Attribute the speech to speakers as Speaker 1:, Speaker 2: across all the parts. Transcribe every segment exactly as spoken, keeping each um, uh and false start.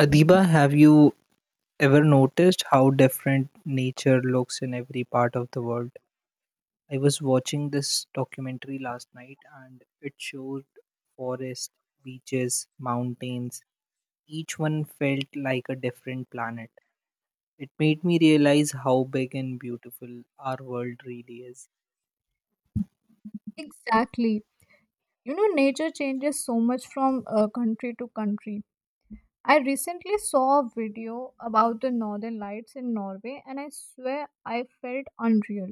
Speaker 1: Adiba, have you ever noticed how different nature looks in every part of the world? I was watching this documentary last night and it showed forests, beaches, mountains. Each one felt like a different planet. It made me realize how big and beautiful our world really is.
Speaker 2: Exactly. You know, nature changes so much from uh, country to country. I recently saw a video about the northern lights in Norway, and I swear I felt unreal.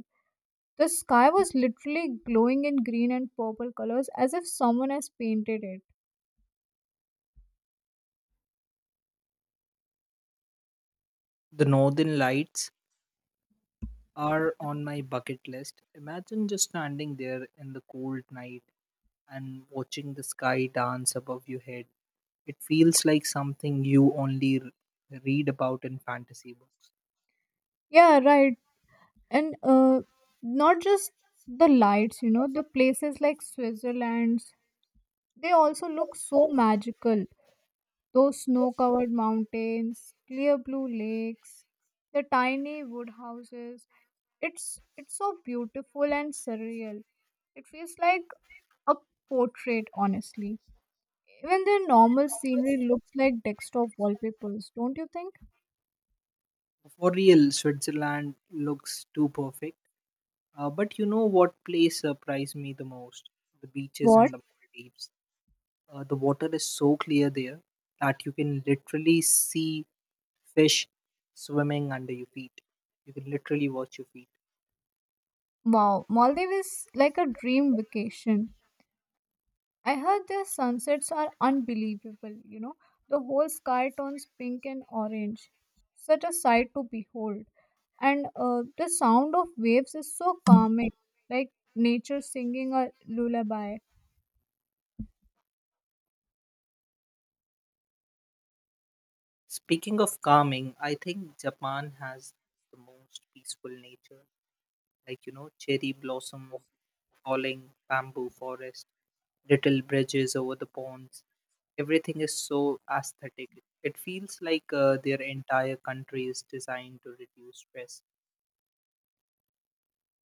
Speaker 2: The sky was literally glowing in green and purple colors as if someone has painted it.
Speaker 1: The northern lights are on my bucket list. Imagine just standing there in the cold night and watching the sky dance above your head. It feels like something you only r- read about in fantasy books.
Speaker 2: Yeah, right. And uh, not just the lights, you know, the places like Switzerland, they also look so magical. Those snow covered mountains, clear blue lakes, the tiny wood houses. It's it's so beautiful and surreal. It feels like a portrait, honestly. Even the normal scenery looks like desktop wallpapers, don't you think?
Speaker 1: For real, Switzerland looks too perfect. Uh, but you know what place surprised me the most? The beaches
Speaker 2: What?
Speaker 1: in the Maldives. Uh, the water is so clear there that you can literally see fish swimming under your feet. You can literally watch your feet.
Speaker 2: Wow, Maldives is like a dream vacation. I heard their sunsets are unbelievable, you know. The whole sky turns pink and orange. Such a sight to behold. And uh, the sound of waves is so calming, like nature singing a lullaby.
Speaker 1: Speaking of calming, I think Japan has the most peaceful nature. Like, you know, cherry blossom falling, bamboo forest, little bridges over the ponds. Everything is so aesthetic. It feels like uh, their entire country is designed to reduce stress.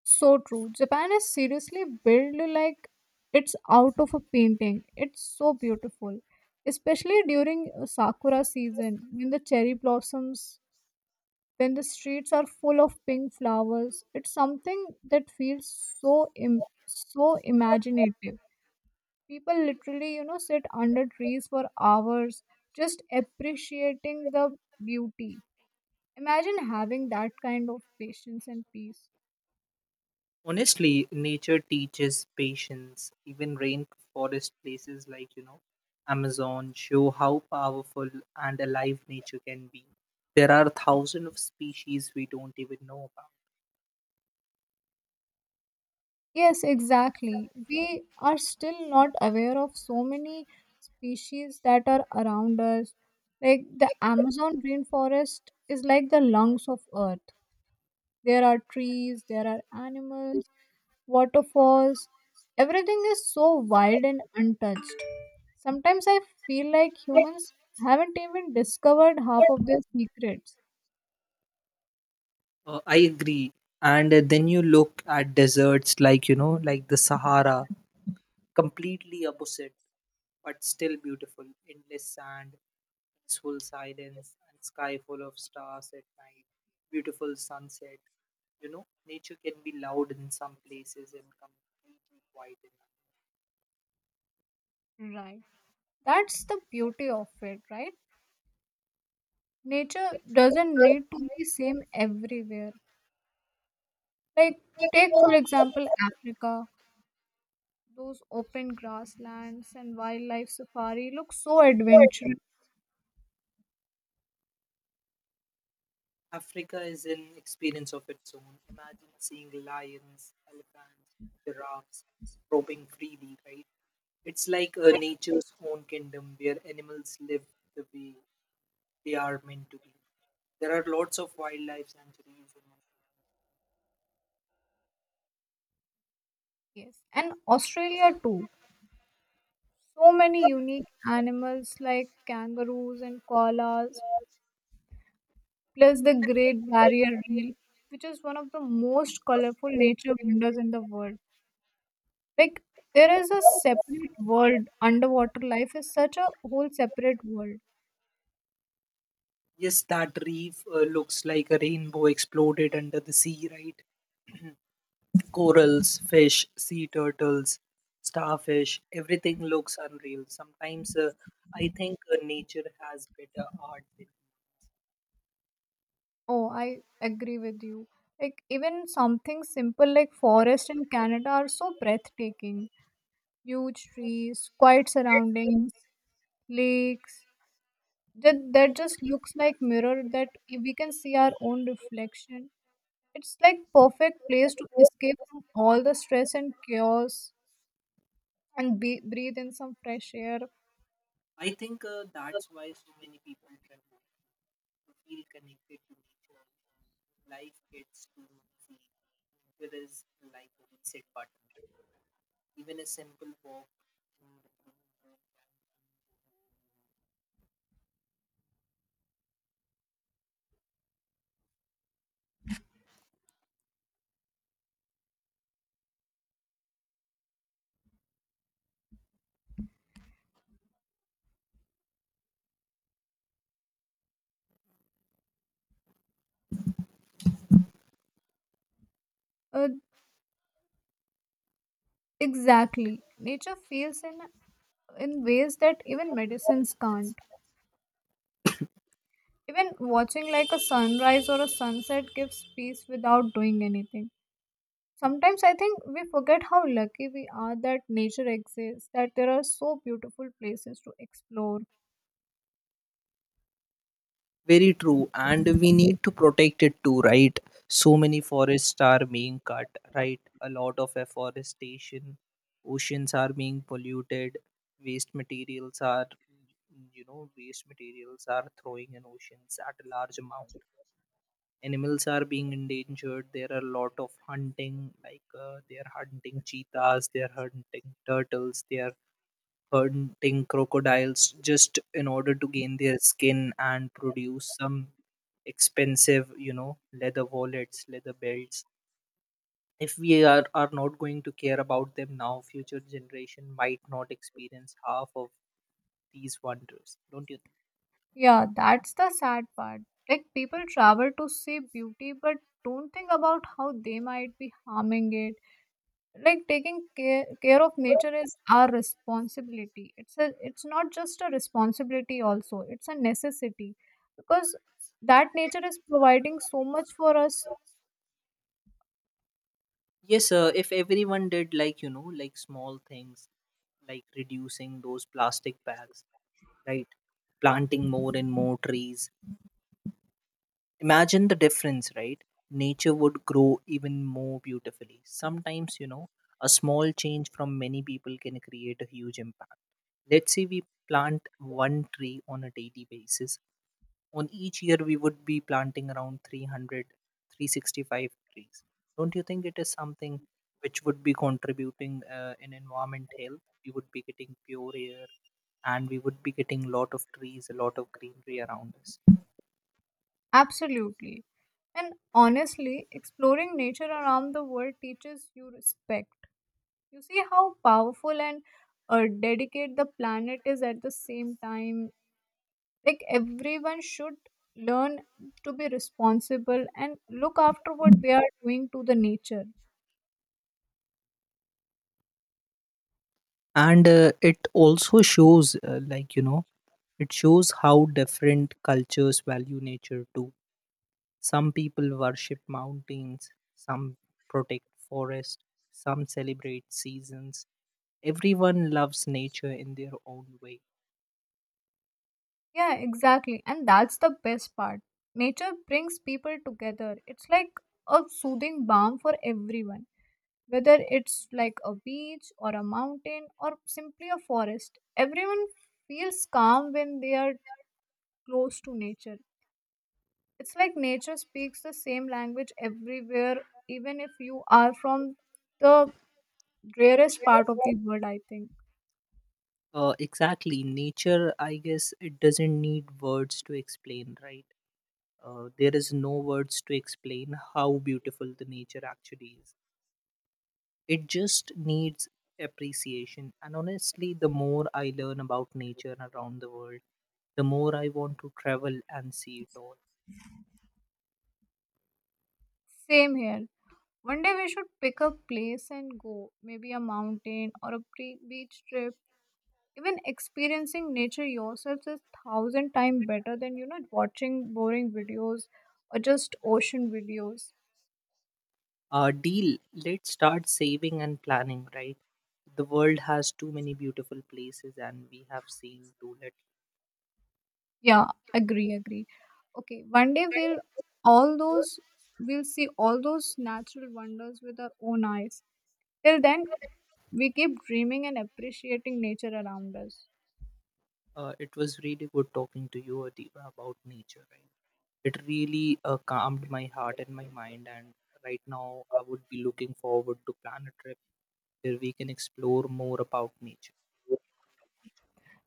Speaker 2: So true, Japan is seriously built like it's out of a painting. It's so beautiful, especially during uh, sakura season when the cherry blossoms, when the streets are full of pink flowers. It's something that feels so Im- so imaginative. People literally, you know, sit under trees for hours, just appreciating the beauty. Imagine having that kind of patience and peace.
Speaker 1: Honestly, nature teaches patience. Even rainforest places like, you know, Amazon show how powerful and alive nature can be. There are thousands of species we don't even know about.
Speaker 2: Yes, exactly, we are still not aware of so many species that are around us. Like the Amazon rainforest is like the lungs of earth. There are trees, there are animals, waterfalls. Everything is so wild and untouched. Sometimes I feel like humans haven't even discovered half of their secrets.
Speaker 1: Uh, I agree. And uh, then you look at deserts like, you know, like the Sahara, completely opposite, but still beautiful. Endless sand, peaceful silence and sky full of stars at night, beautiful sunset. You know, nature can be loud in some places and completely quiet in
Speaker 2: Right. That's the beauty of it, right? Nature doesn't need to be same everywhere. Like, take for example Africa. Those open grasslands and wildlife safari look so adventurous.
Speaker 1: others. Africa is an experience of its own. Imagine seeing lions, elephants, giraffes roaming freely, right? It's like a nature's own kingdom where animals live the way they are meant to be. There are lots of wildlife sanctuaries in Africa.
Speaker 2: Yes. And Australia too. So many unique animals like kangaroos and koalas, plus the Great Barrier Reef, which is one of the most colorful nature wonders in the world. Like, there is a separate world. Underwater life is such a whole separate world.
Speaker 1: Yes, that reef uh, looks like a rainbow exploded under the sea, right? Corals, fish, sea turtles, starfish, everything looks unreal. Sometimes uh, I think uh, nature has better art than
Speaker 2: Oh, I agree with you. Like, even something simple like forest in Canada are so breathtaking. Huge trees, quiet surroundings, lakes. That, that just looks like mirror that we can see our own reflection. It's like perfect place to escape from all the stress and chaos and be, breathe in some fresh air.
Speaker 1: I think uh, that's why so many people travel to feel connected to nature. Life gets too messy. Nature is like a reset button. Even a simple walk in the green room.
Speaker 2: Uh, exactly. Nature feels in in ways that even medicines can't. Even watching like a sunrise or a sunset gives peace without doing anything. Sometimes I think we forget how lucky we are that nature exists, that there are so beautiful places to explore.
Speaker 1: Very true, and we need to protect it too, right? So many forests are being cut, right? A lot of afforestation, oceans are being polluted, waste materials are, you know, waste materials are throwing in oceans at a large amount. Animals are being endangered. There are a lot of hunting, like uh, they are hunting cheetahs, they are hunting turtles, they are hunting crocodiles just in order to gain their skin and produce some expensive, you know, leather wallets, leather belts. If we are, are not going to care about them now, future generation might not experience half of these wonders, don't you think?
Speaker 2: Yeah, that's the sad part. Like people travel to see beauty but don't think about how they might be harming it. Like taking care, care of nature is our responsibility. It's a it's not just a responsibility also, it's a necessity because that nature is providing so much for us
Speaker 1: Yes sir, if everyone did, like, you know, like small things like reducing those plastic bags, right, planting more and more trees. Imagine the difference, right? Nature would grow even more beautifully. Sometimes, you know, a small change from many people can create a huge impact. Let's say we plant one tree on a daily basis. On each year, we would be planting around three hundred three sixty-five trees. Don't you think it is something which would be contributing uh, in environment health? We would be getting pure air and we would be getting a lot of trees, a lot of greenery around us.
Speaker 2: absolutely. And honestly, exploring nature around the world teaches you respect. You see how powerful and uh, dedicate the planet is at the same time. Like everyone should learn to be responsible and look after what they are doing to the nature.
Speaker 1: And uh, it also shows uh, like, you know, it shows how different cultures value nature too. Some people worship mountains, some protect forest, some celebrate seasons. Everyone loves nature in their own way.
Speaker 2: Yeah, exactly, and that's the best part. Nature brings people together. It's like a soothing balm for everyone, whether it's like a beach or a mountain or simply a forest. Everyone feels calm when they are close to nature. It's like nature speaks the same language everywhere, even if you are from the rarest part of the world, I think.
Speaker 1: Uh, exactly, nature, I guess, it doesn't need words to explain, right? Uh, there is no words to explain how beautiful the nature actually is. It just needs appreciation. And honestly, the more I learn about nature around the world, the more I want to travel and see it all.
Speaker 2: Same here. One day we should pick a place and go. Maybe a mountain or a pre- beach trip. Even experiencing nature yourself is thousand times better than, you know, watching boring videos or just ocean videos.
Speaker 1: Uh, deal, let's start saving and planning, right? The world has too many beautiful places, and we have seen too little.
Speaker 2: Yeah, agree, agree. Okay, one day we'll all those we'll see all those natural wonders with our own eyes. Till then, we keep dreaming and appreciating nature around us.
Speaker 1: Uh, it was really good talking to you, Adiba, about nature, right? It really uh, calmed my heart and my mind, and right now I would be looking forward to plan a trip where we can explore more about nature.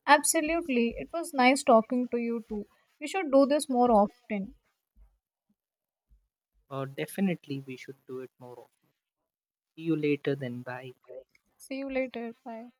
Speaker 2: Absolutely. It was nice talking to you too. We should do this more often.
Speaker 1: Uh, definitely, we should do it more often. See you later, then bye.
Speaker 2: See you later. Bye.